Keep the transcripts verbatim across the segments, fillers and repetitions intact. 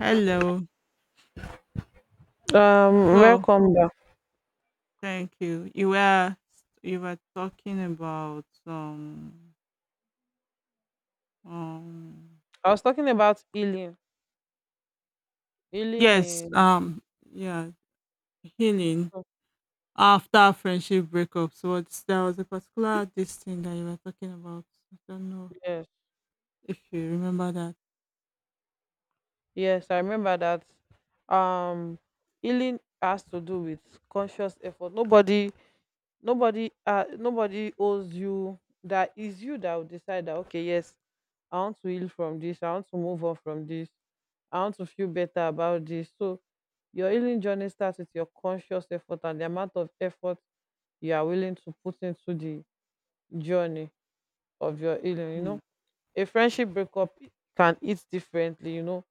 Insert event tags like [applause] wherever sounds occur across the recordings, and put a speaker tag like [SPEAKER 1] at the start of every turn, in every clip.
[SPEAKER 1] Hello.
[SPEAKER 2] Um,
[SPEAKER 1] So,
[SPEAKER 2] welcome back.
[SPEAKER 1] thank you. You were you were talking about um um
[SPEAKER 2] I was talking about healing. Healing
[SPEAKER 1] yes
[SPEAKER 2] is
[SPEAKER 1] um yeah healing
[SPEAKER 2] oh,
[SPEAKER 1] after friendship breakups. What There was a particular this thing that you were talking about. I don't know
[SPEAKER 2] yes,
[SPEAKER 1] if you remember that.
[SPEAKER 2] yes, I remember that. Um, healing has to do with conscious effort. Nobody, nobody, uh, nobody owes you. That is you that will decide that. Okay, yes, I want to heal from this. I want to move on from this. I want to feel better about this. So your healing journey starts with your conscious effort and the amount of effort you are willing to put into the journey of your healing. You
[SPEAKER 1] Mm,
[SPEAKER 2] know, a friendship breakup can hit differently. You know,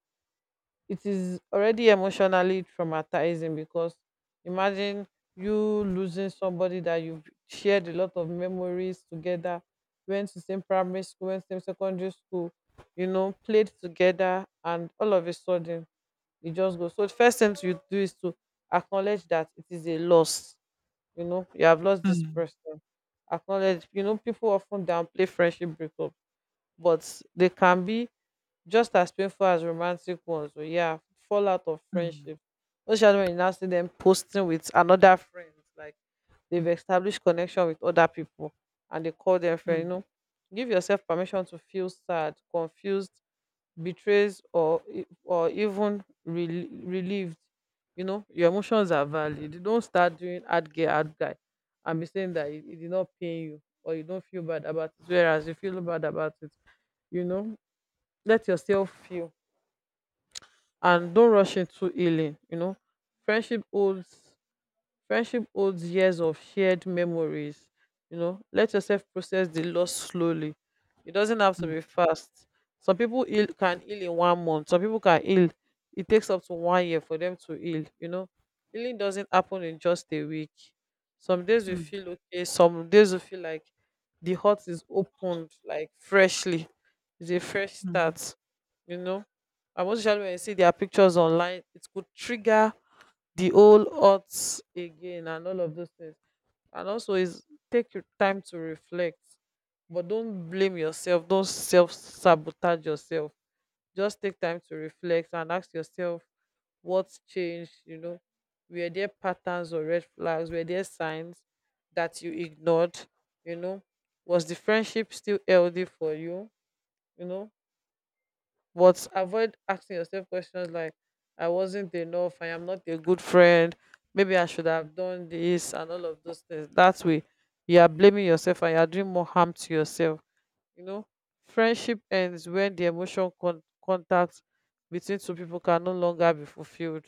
[SPEAKER 2] it is already emotionally traumatizing because imagine you losing somebody that you've shared a lot of memories together, went to same primary school, went same secondary school, you know, played together, and all of a sudden it just goes. So the first thing you do is to acknowledge that it is a loss. You know, you have lost this
[SPEAKER 1] mm,
[SPEAKER 2] person. Acknowledge, you know, people often downplay friendship breakup, but they can be just as painful as romantic ones. So yeah, fallout of
[SPEAKER 1] mm,
[SPEAKER 2] friendship. Especially when you now see them posting with another friend, like they've established connection with other people and they call them friend. You
[SPEAKER 1] mm,
[SPEAKER 2] know, give yourself permission to feel sad, confused, betrayed, or e- or even rel- relieved. You know, your emotions are valid. You don't start doing ad gay ad guy and be saying that it, it did not pain you or you don't feel bad about it, whereas you feel bad about it. You know, let yourself feel and don't rush into healing. You know, friendship holds Friendship holds years of shared memories. You know, let yourself process the loss slowly. It doesn't have to be fast. Some people heal, can heal in one month. Some people can heal. It takes up to one year for them to heal. You know, healing doesn't happen in just a week. Some days you
[SPEAKER 1] mm,
[SPEAKER 2] feel okay. Some days you feel like the heart is opened, like freshly. It's a fresh
[SPEAKER 1] mm,
[SPEAKER 2] start. You know, and most especially when you see their pictures online, it could trigger the whole odds again and all of those things. And also is, take your time to reflect, but don't blame yourself, don't self sabotage yourself, just take time to reflect and ask yourself what's changed. You know, were there patterns or red flags, were there signs that you ignored? You know, was the friendship still healthy for you? You know, but avoid asking yourself questions like I wasn't enough, I am not a good friend, maybe I should have done this, and all of those things. That way, you are blaming yourself and you are doing more harm to yourself. You know, friendship ends when the emotional con- contact between two people can no longer be fulfilled,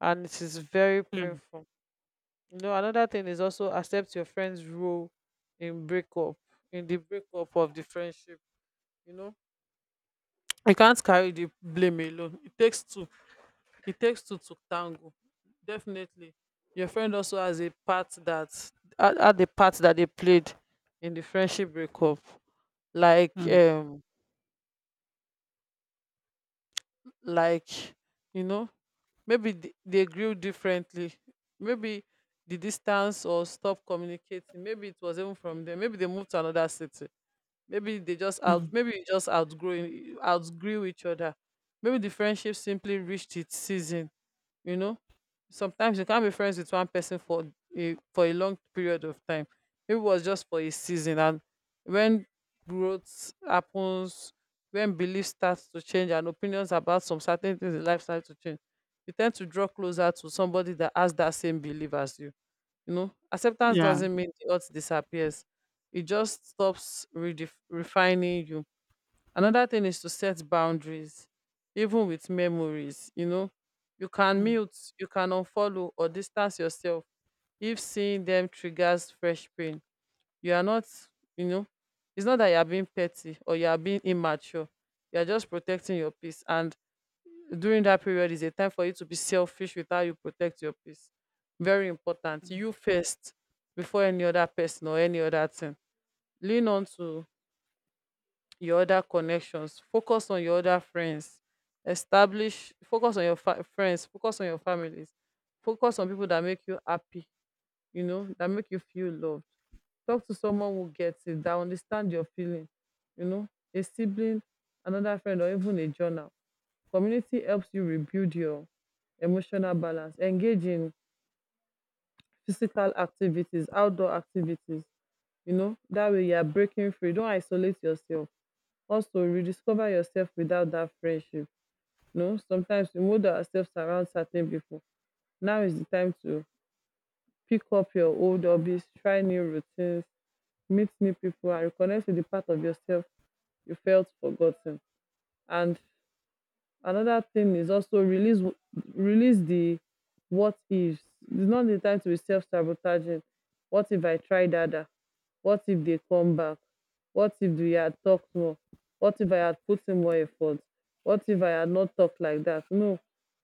[SPEAKER 2] and it is very painful. You know, another thing is also accept your friend's role in breakup, in the breakup of the friendship. You know, you can't carry the blame alone, it takes two. It takes two to tango. Definitely. Your friend also has a part that had had the part that they played in the friendship breakup. Like um like you know, maybe they, they grew differently. Maybe the distance or stop communicating. Maybe it was even from them. Maybe they moved to another city. Maybe they just out
[SPEAKER 1] mm.
[SPEAKER 2] maybe you just outgrowing outgrew each other. Maybe the friendship simply reached its season. You know, sometimes you can't be friends with one person for a for a long period of time. Maybe it was just for a season, and when growth happens, when beliefs start to change and opinions about some certain things in life start to change, you tend to draw closer to somebody that has that same belief as you. You know, acceptance
[SPEAKER 1] Yeah.
[SPEAKER 2] doesn't mean the odds disappears, it just stops redef- refining you. Another thing is to set boundaries, even with memories. You know, you
[SPEAKER 1] mm, mm,
[SPEAKER 2] can
[SPEAKER 1] Yeah. mm,
[SPEAKER 2] mute, you can unfollow or distance yourself if seeing them triggers fresh pain. You are not, you know, it's not that you are being petty or you are being immature. You are just protecting your peace. And during that period is a time for you to be selfish with how you protect your peace. Very important.
[SPEAKER 1] mm,
[SPEAKER 2] You first, before any other person or any other thing. Lean on to your other connections, focus on your other friends, establish focus on your fa- friends, focus on your families, focus on people that make you happy, you know, that make you feel loved. Talk to someone who gets it, that understand your feeling. You know, a sibling, another friend, or even a journal. Community helps you rebuild your emotional balance. Engage in physical activities, outdoor activities, you know, that way you are breaking free. Don't isolate yourself. Also, rediscover yourself without that friendship. No, sometimes we mold ourselves around certain people. Now is the time to pick up your old hobbies, try new routines, meet new people, and reconnect with the part of yourself you felt forgotten. And another thing is also release, release the what ifs. It's not the time to be self sabotaging. What if I tried harder? What if they come back? What if we had talked more? What if I had put in more effort? What if I had not talked like that? No.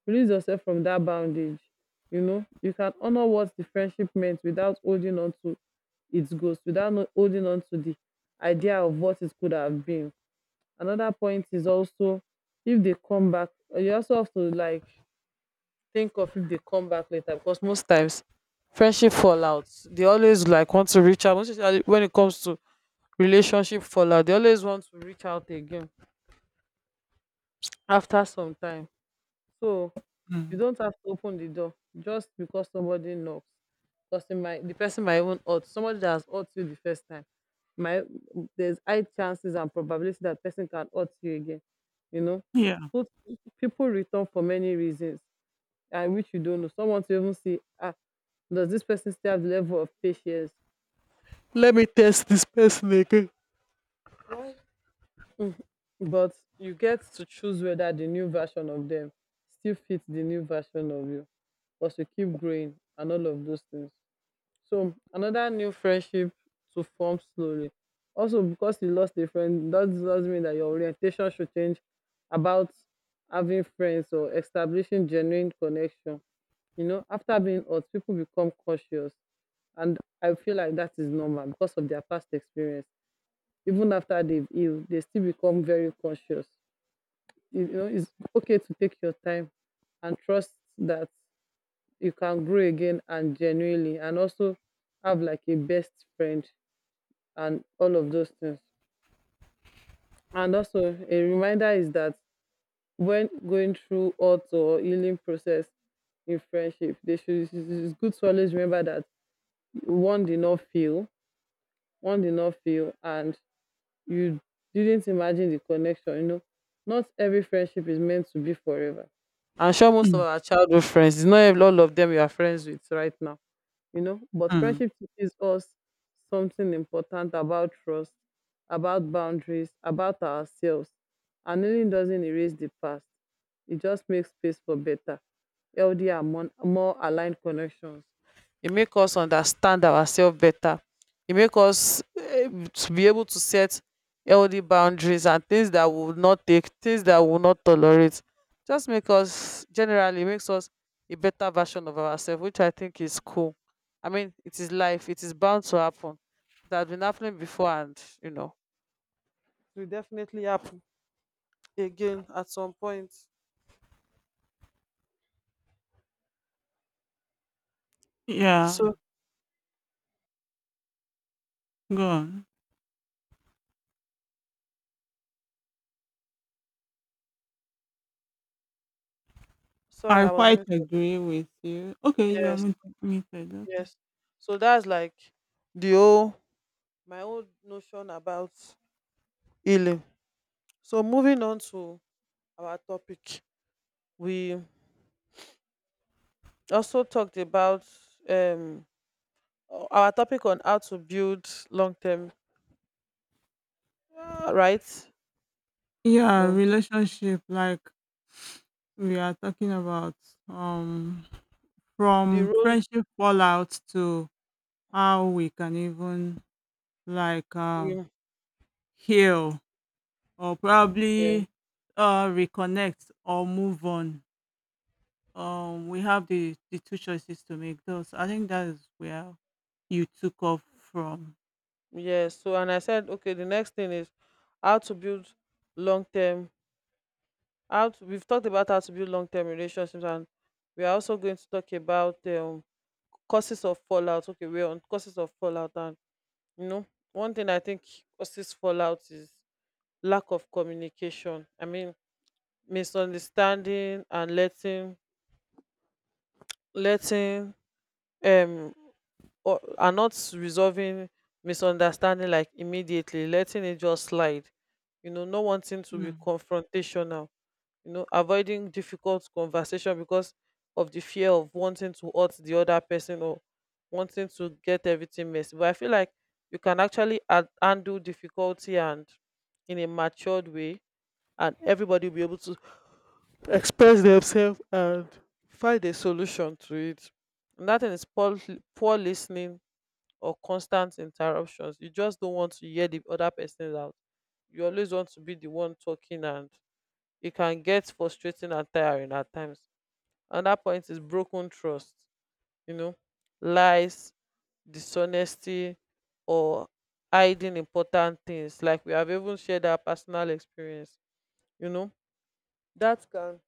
[SPEAKER 2] Release yourself from that bondage. You know, you can honor what the friendship meant without holding on to its ghost, without no- holding on to the idea of what it could have been. Another point is also, if they come back, you also have to like think of if they come back later, because most times friendship fallouts they always like want to reach out, most especially when it comes to relationship fallout, they always want to reach out again after some time. So you
[SPEAKER 1] mm.
[SPEAKER 2] don't have to open the door just because somebody knocks. Because it might, the person might even hurt, somebody that has hurt you the first time, My there's high chances and probability that person can hurt you again. You know,
[SPEAKER 1] Yeah.
[SPEAKER 2] put, people return for many reasons, and which you don't know. Someone to even see, ah, does this person still have the level of patience? Let me test this person again. Mhm. But you get to choose whether the new version of them still fits the new version of you. Was to keep growing and all of those things. So another new friendship to form slowly. Also, because you lost a friend, that doesn't mean that your orientation should change about having friends or establishing genuine connection. You know, after being hurt, people become cautious. And I feel like that is normal because of their past experience. Even after they've healed, they still become very conscious. You know, it's okay to take your time and trust that you can grow again and genuinely, and also have like a best friend and all of those things. And also a reminder is that when going through auto or healing process in friendship, they should, it's it's good to always remember that one did not feel one did not feel and you didn't imagine the connection. You know, not every friendship is meant to be forever. I'm sure most of
[SPEAKER 1] mm,
[SPEAKER 2] our childhood friends, it's not all of them you are friends with right now, you know. But
[SPEAKER 1] mm.
[SPEAKER 2] friendship teaches us something important about trust, about boundaries, about ourselves, and healing doesn't erase the past. It just makes space for better, healthier, and more more aligned connections. It makes us understand ourselves better. It makes us, eh, to be able to set healthy boundaries and things that we will not take, things that we will not tolerate. Just make us generally makes us a better version of ourselves, which I think is cool. I mean, it is life. It is bound to happen. It has been happening before, and you know, it will definitely happen again at some point.
[SPEAKER 1] Yeah.
[SPEAKER 2] So
[SPEAKER 1] Go on.
[SPEAKER 2] sorry,
[SPEAKER 1] I
[SPEAKER 2] I was
[SPEAKER 1] quite
[SPEAKER 2] muted.
[SPEAKER 1] agree with you. Okay, you are
[SPEAKER 2] Yes,
[SPEAKER 1] mut- muted. Okay.
[SPEAKER 2] yes. So that's like the whole my own notion about healing. So moving on to our topic, we also talked about um our topic on how to build long term, uh, right?
[SPEAKER 1] Yeah,
[SPEAKER 2] No,
[SPEAKER 1] relationship like we are talking about um
[SPEAKER 2] the
[SPEAKER 1] from
[SPEAKER 2] role.
[SPEAKER 1] friendship fallout to how we can even like uh
[SPEAKER 2] Yeah.
[SPEAKER 1] heal or probably uh reconnect or move on. Um we have the the two choices to make those. I think that is where you took off from.
[SPEAKER 2] Yes. So and I said, okay, the next thing is how to build long term. How to, we've talked about how to build long term relationships, and we are also going to talk about um, causes of fallout. Okay, we're on causes of fallout, and you know, one thing I think causes fallout is lack of communication. I mean, misunderstanding and letting letting um or are not resolving misunderstanding, like immediately letting it just slide, you know, not wanting to be
[SPEAKER 1] Mm,
[SPEAKER 2] confrontational, you know, avoiding difficult conversation because of the fear of wanting to hurt the other person, or wanting to get everything messy. But I feel like you can actually ad- handle difficulty and in a matured way, and everybody will be able to express themselves and find a solution to it. And that thing is poor, poor listening or constant interruptions. You just don't want to hear the other person out, you always want to be the one talking, and it can get frustrating and tiring at times. Another point is broken trust, you know, lies, dishonesty, or hiding important things, like we have even shared our personal experience. You know, that can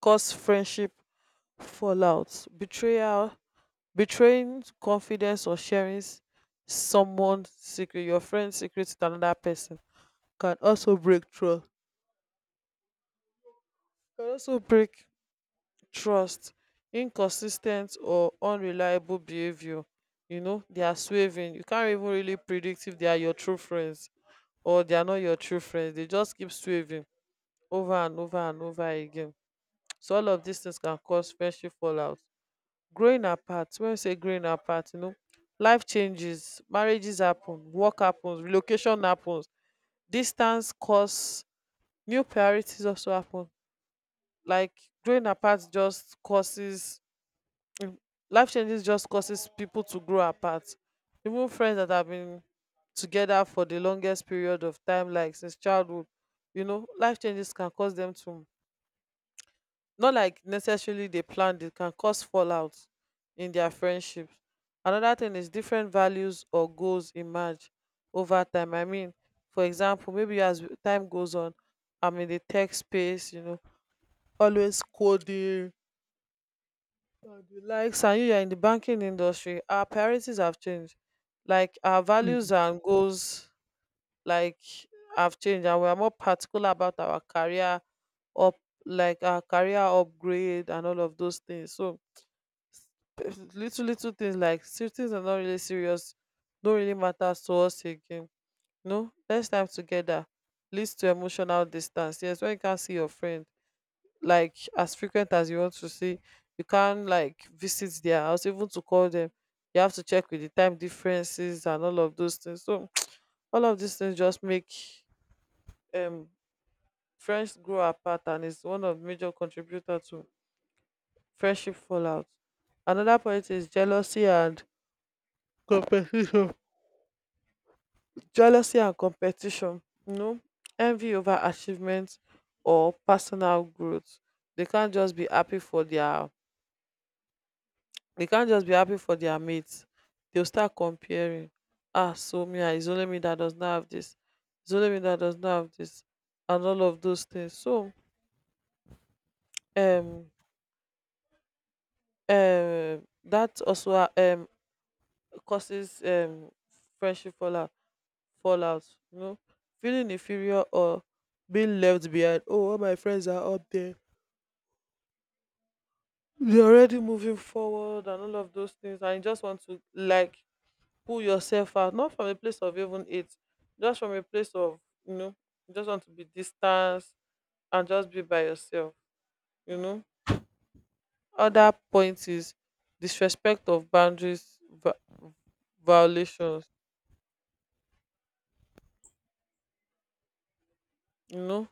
[SPEAKER 2] cause friendship fallout. Betrayal, betraying confidence, or sharing s- someone's secret, your friend's secret, to another person can also break trust, can also break trust. Inconsistent or unreliable behavior, you know, they are swerving, you can't even really predict if they are your true friends or they are not your true friends. They just keep swerving over and over and over again. So all of these things can cause friendship fallout. Growing apart. When you say growing apart, you know, life changes, marriages happen, work happens, relocation happens, distance cause new priorities also happen. Like, growing apart just causes mm, life changes just causes people to grow apart. Even friends that have been together for the longest period of time, like since childhood, you know, life changes can cause them to, not like necessarily they planned it, can cause fallout in their friendships. Another thing is different values or goals emerge over time. I mean, for example, maybe as w- time goes on, I'm in the tech space, you know, always coding and the likes, and you are in the banking industry, our priorities have changed, like our
[SPEAKER 1] mm.
[SPEAKER 2] values and goals, like, have changed and we are more particular about our career up like our career upgrade and all of those things. So little little things like, "See, things are not really serious, don't really matter to us again." No next time together leads to emotional distance. Yes, when you can't see your friend like as frequent as you want to see, you can't like visit their house, even to call them you have to check with the time differences and all of those things. So [tsk] all of these things just make um friends grow apart, and it's one of major contributor to friendship fallout. Another point is jealousy and competition. Jealousy and competition, you know, envy over achievements or personal growth. They can't just be happy for their they can't just be happy for their mates. They'll start comparing. Ah, so me, ah, it's only me that does not have this. It's only me that does not have this, and all of those things. So, um, um, that also ah, um causes um friendship fallout. Fallout, you know, feeling inferior or being left behind. Oh, all my friends are up there. You're already moving forward and all of those things, and you just want to like pull yourself out, not from a place of even it, just from a place of, you know, you just want to be distanced and just be by yourself, you know. Other point is disrespect of boundaries, va- violations, you know.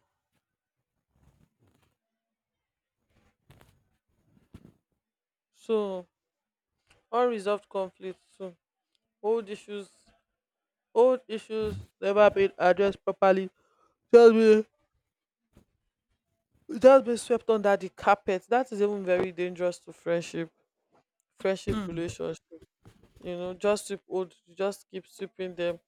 [SPEAKER 2] So unresolved conflicts too. Old issues old issues never been addressed properly. Just be Just being swept under the carpet, that is even very dangerous to friendship friendship relationship. You know, just sweep old, just keep sweeping them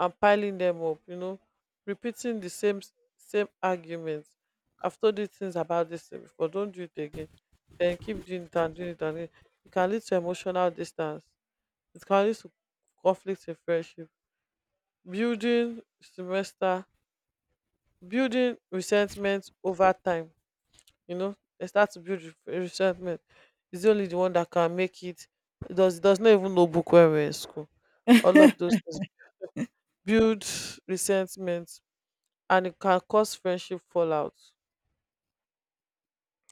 [SPEAKER 2] and piling them up, you know, repeating the same same arguments. I've told you things about this thing before, don't do it again, then keep doing it and doing it and doing it. It can lead to emotional distance, it can lead to conflict in friendship, building semester, building resentment over time. You know, they start to build re- resentment. He's only the one that can make it, he does does not even know book when we're in school. All of those things build resentment, and it can cause friendship fallout.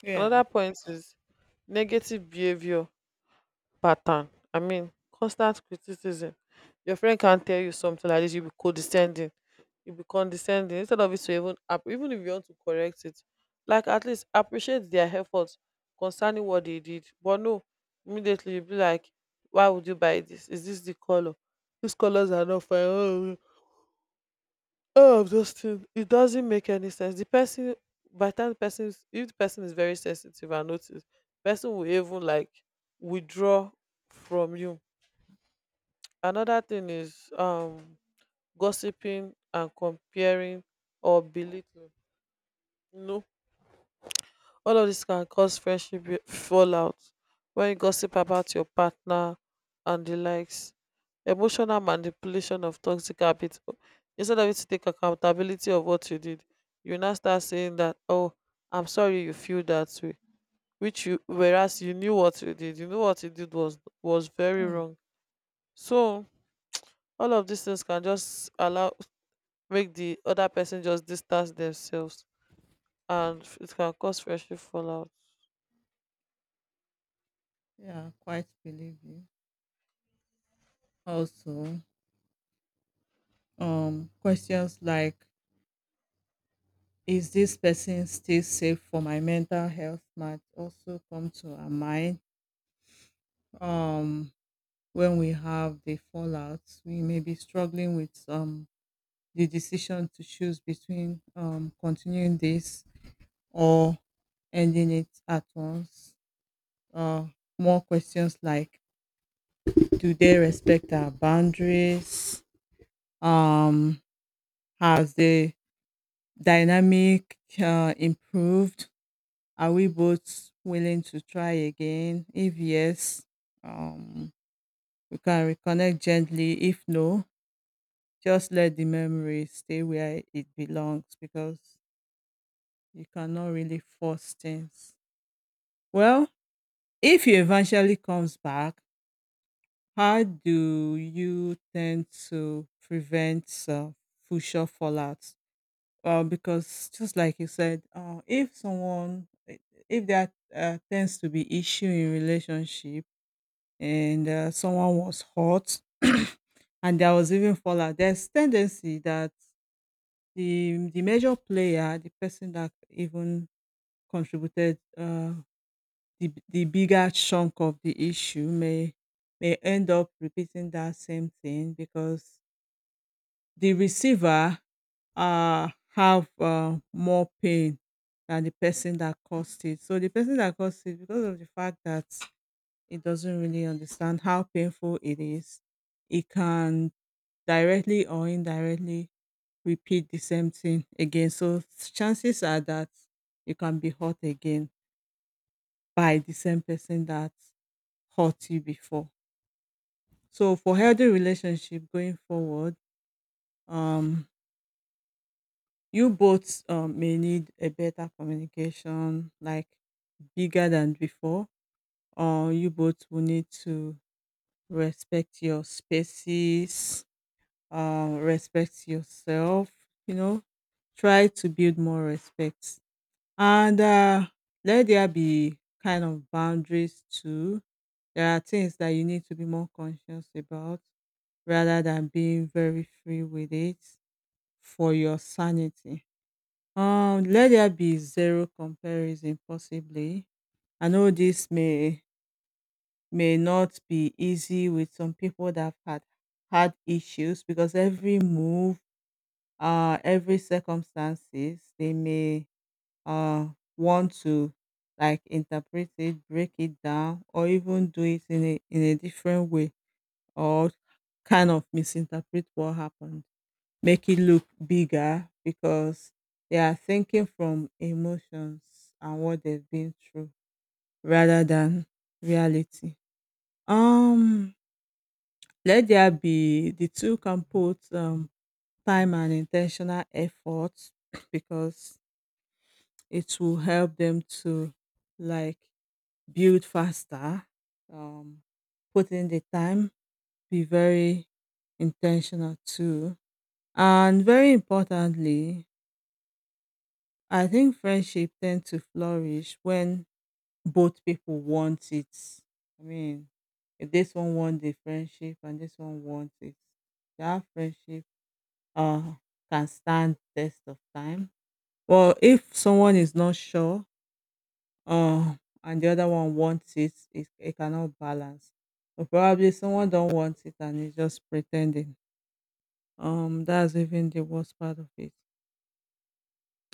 [SPEAKER 1] [laughs] Yeah.
[SPEAKER 2] Another point is negative behavior pattern. I mean, constant criticism. Your friend can't tell you something like this, you'll be condescending. You'll be condescending instead of it to even up, even if you want to correct it. Like, at least appreciate their efforts concerning what they did. But no, immediately you'll be like, "Why would you buy this? Is this the color? These colors are not fine. Oh, oh, I'm just it doesn't make any sense." The person, by the time the person is- if the person is very sensitive and notice, person will even like withdraw from you. Another thing is um gossiping and comparing or belittling. No, all of this can cause friendship be- fallout. When you gossip about your partner and the likes, emotional manipulation of toxic habits. O- Instead of you to take accountability of what you did, you now start saying that, "Oh, I'm sorry you feel that way," which you, whereas you knew what you did. You knew what you did was was very wrong. So all of these things can just allow, make the other person just distance themselves, and it can cause friendship fallout.
[SPEAKER 1] Yeah, quite believe you. Also, um, questions like is this person still safe for my mental health might also come to our mind. Um, when we have the fallouts, we may be struggling with um the decision to choose between um continuing this or ending it at once. Uh, More questions like do they respect our boundaries? Um, has they dynamic uh, improved? Are we both willing to try again? If yes, um, we can reconnect gently. If no, just let the memory stay where it belongs because you cannot really force things. Well, if he eventually comes back, how do you tend to prevent uh, future fallout? Well, because just like you said, uh, if someone, eh, if there uh, tends to be issue in relationship and uh, someone was hurt [clears throat] and there was even fallout, there's tendency that the the major player, the person that even contributed uh, the the bigger chunk of the issue, may may end up repeating that same thing because the receiver um have um more pain than the person that caused it. So the person that caused it because of the fact that it doesn't really understand how painful it is, it can directly or indirectly repeat the same thing again. So chances are that you can be hurt again by the same person that hurt you before. So for healthy relationship going forward, um you both um, may need a better communication, like bigger than before, or you both will need to respect your spaces, uh, respect yourself, you know, try to build more respect. And uh, let there be kind of boundaries too. There are things that you need to be more conscious about rather than being very free with it for your sanity. Um, let there be zero comparison possibly. I know this may may not be easy with some people that have had had issues because every move, uh, every circumstances, they may uh want to like interpret it, break it down, or even do it in a in a different way, or kind of misinterpret what happened, make it look bigger because they are thinking from emotions and what they've been through rather than reality. Um, Let there be the two can put um, time and intentional effort [clears throat] because it will help them to like build faster. Um, Put in the time, be very intentional too. And very importantly, I think friendship tend to flourish when both people want it. I mean, if this one wants the friendship and this one wants it, that friendship uh can stand test of time. Well, if someone is not sure, uh, and the other one wants it, it, it cannot balance. Or probably someone don't want it and is just pretending. Um, that's even the worst part of it.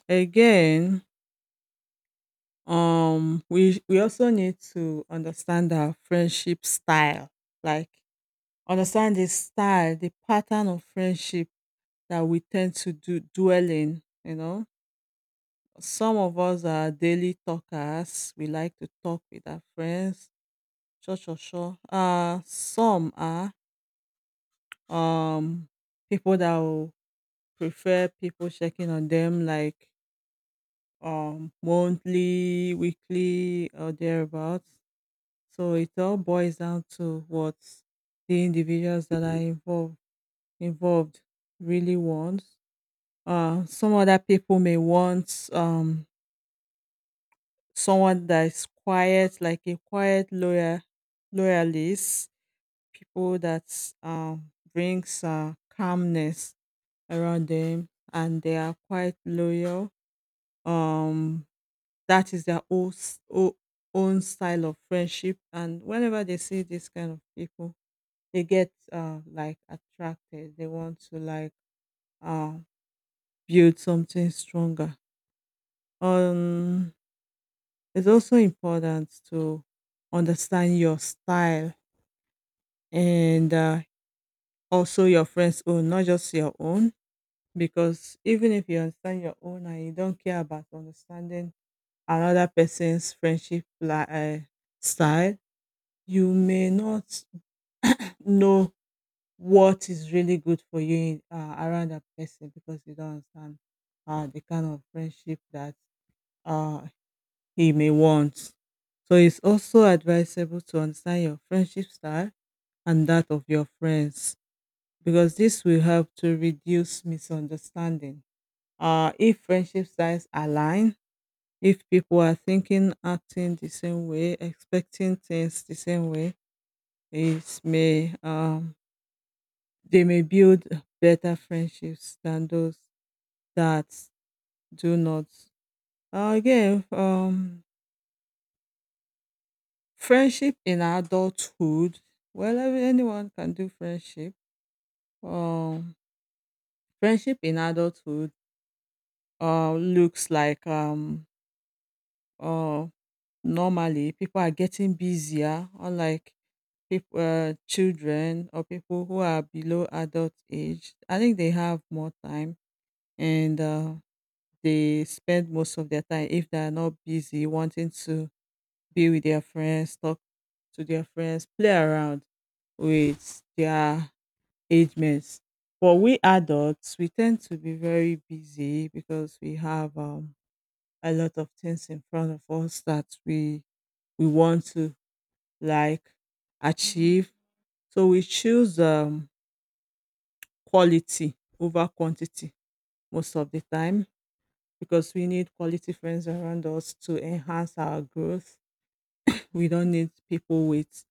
[SPEAKER 1] Again, um we we also need to understand our friendship style, like understand the style, the pattern of friendship that we tend to do dwell in. You know, some of us are daily talkers. We like to talk with our friends, sure, sure, sure. Uh some are um people that will prefer people checking on them, like um monthly, weekly, or thereabouts. So it all boils down to what the individuals that are involved involved really want. Uh, some other people may want um, someone that is quiet, like a quiet lawyer, loyalist, people that um, brings uh, calmness around them, and they are quite loyal. Um, that is their own, s- o- own style of friendship, and whenever they see this kind of people, they get uh like attracted. They want to like uh build something stronger. um it's also important to understand your style and uh, also your friend's own, not just your own, because even if you understand your own and you don't care about understanding another person's friendship li- uh, style, you may not know what is really good for you uh, around that person because you don't understand uh, the kind of friendship that uh, he may want. So it's also advisable to understand your friendship style and that of your friends because this will help to reduce misunderstanding. Uh, if friendship styles align, if people are thinking, acting the same way, expecting things the same way, it may um, they may build better friendships than those that do not. Uh, again, um, friendship in adulthood. Well, every- anyone can do friendship. Um, Friendship in adulthood uh, looks like um, uh, normally people are getting busier, unlike people, uh, children or people who are below adult age. I think they have more time and uh, they spend most of their time, if they are not busy, wanting to be with their friends, talk to their friends, play around with their age mates. But we adults, we tend to be very busy because we have um, a lot of things in front of us that we we want to like achieve. So we choose um, quality over quantity most of the time because we need quality friends around us to enhance our growth. We don't need people with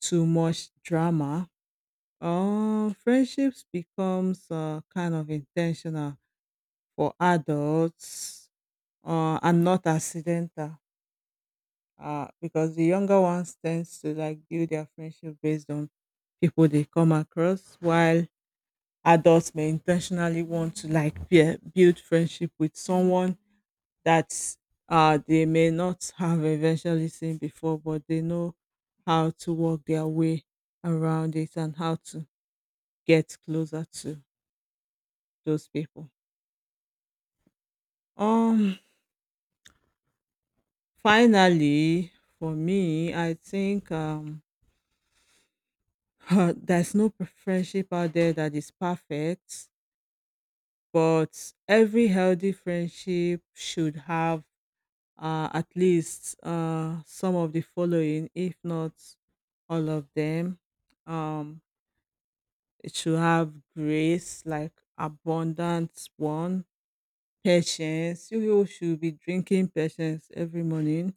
[SPEAKER 1] too much drama. Um, friendships becomes uh, kind of intentional for adults, uh, and not accidental, uh, because the younger ones tends to like build their friendship based on people they come across, while adults may intentionally want to like be- build friendship with someone that uh, they may not have eventually seen before, but they know how to work their way around it and how to get closer to those people. Um, Finally, for me, I think um, [laughs] there's no friendship out there that is perfect, but every healthy friendship should have uh, at least uh, some of the following, if not all of them. Um, It should have grace, like abundance one, patience. You people should be drinking patience every morning.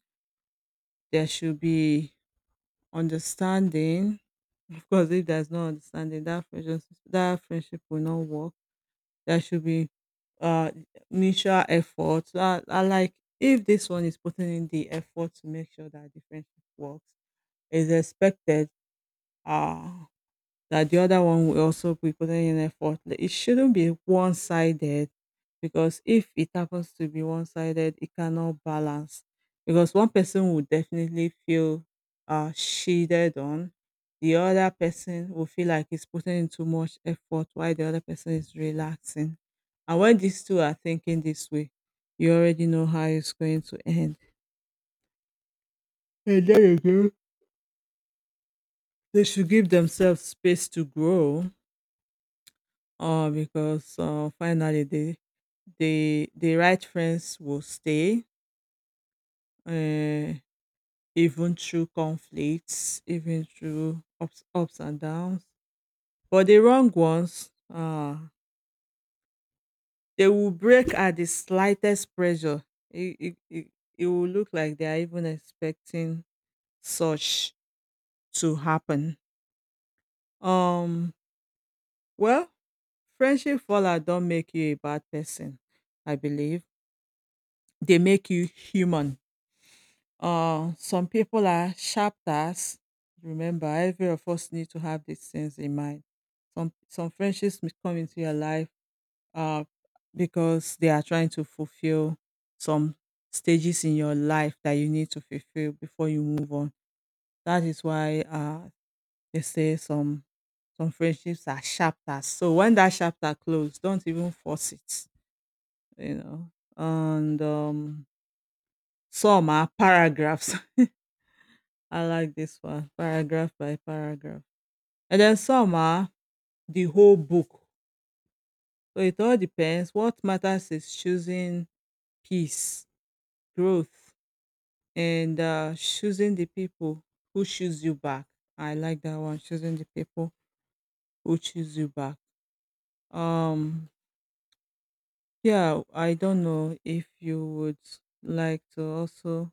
[SPEAKER 1] There should be understanding. Of course, if there's no understanding, that friendship, that friendship will not work. There should be uh mutual effort. So I, I like if this one is putting in the effort to make sure that the friendship works, is expected. Uh that the other one will also be putting in effort. Like, it shouldn't be one sided because if it happens to be one sided, it cannot balance because one person will definitely feel uh, shielded on. The other person will feel like he's putting in too much effort while the other person is relaxing. And when these two are thinking this way, you already know how it's going to end. And there you go. They should give themselves space to grow, uh, because uh, finally the the the right friends will stay, uh, even through conflicts, even through ups, ups and downs, but the wrong ones, uh, they will break at the slightest pressure. it, it, it, it will look like they are even expecting such to happen. um well, friendship fallout don't make you a bad person. I believe they make you human. Uh, some people are sharpers. Remember, every of us need to have these things in mind. Some some friendships may come into your life, uh, because they are trying to fulfill some stages in your life that you need to fulfill before you move on. That is why uh, they say some some friendships are chapters. So when that chapter closes, don't even force it. You know, and um, some are paragraphs. [laughs] I like this one, paragraph by paragraph. And then some are the whole book. So it all depends. What matters is choosing peace, growth, and uh, choosing the people who choose you back. I like that one, choosing the people who choose you back. Um, yeah, I don't know if you would like to also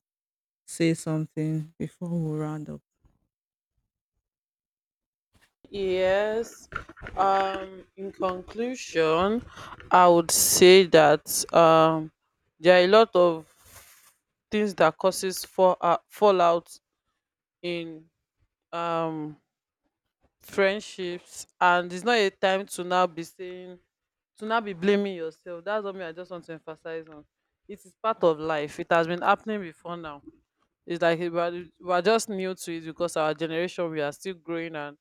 [SPEAKER 1] say something before we round up.
[SPEAKER 2] Yes. Um in conclusion, I would say that um there are a lot of things that causes fall, uh, fallout in um friendships, and it's not a time to now be saying to now be blaming yourself. That's what me I just want to emphasize on. It is part of life. It has been happening before now. It's like we're, we're just new to it because our generation, we are still growing and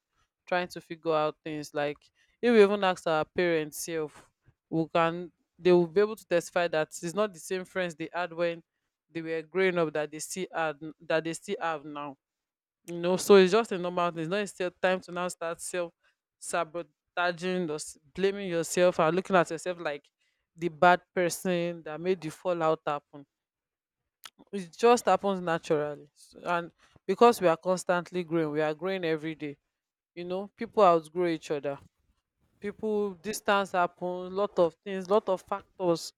[SPEAKER 2] trying to figure out things. Like, if we even ask our parents self, we can they will be able to testify that it's not the same friends they had when they were growing up that they still had that they still have now. You know, so it's just a normal thing. It's not still time to now start self sabotaging or s- blaming yourself and looking at yourself like the bad person that made the fallout happen. It just happens naturally. S- and because we are constantly growing, we are growing every day, you know, people outgrow each other, people distance happens, lot of things, lot of factors,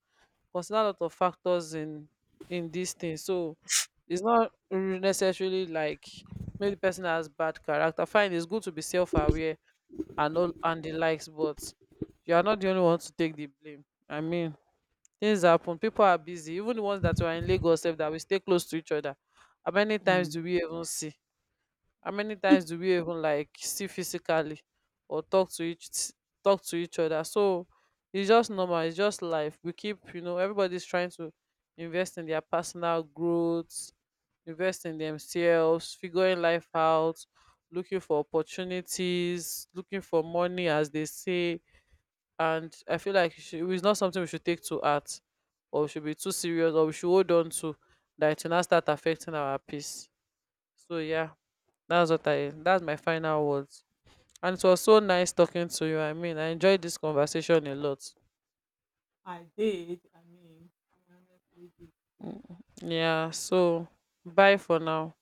[SPEAKER 2] consider lot of factors in in these things. So it's not re- necessarily like maybe the person has bad character. Fine, it's good to be self-aware and all and the likes, but you are not the only one to take the blame. I mean, things happen, people are busy. Even the ones that were in Lagos, sef, that we stay close to each other, how many times do
[SPEAKER 1] Mm.
[SPEAKER 2] we even see? How many times do we even like see physically or talk to each talk to each other? So it's just normal, it's just life. We keep, you know, everybody's trying to invest in their personal growth, invest in themselves, figuring life out, looking for opportunities, looking for money, as they say. And I feel like it should- it's not something we should take to heart, or we should be too serious, or we should hold on to, that it will not start affecting our peace. So yeah, that's what I. That's my final words. And it was so nice talking to you. I mean, I enjoyed this conversation a lot.
[SPEAKER 1] I did. I mean, I honestly did.
[SPEAKER 2] Mm. Yeah. So bye for now.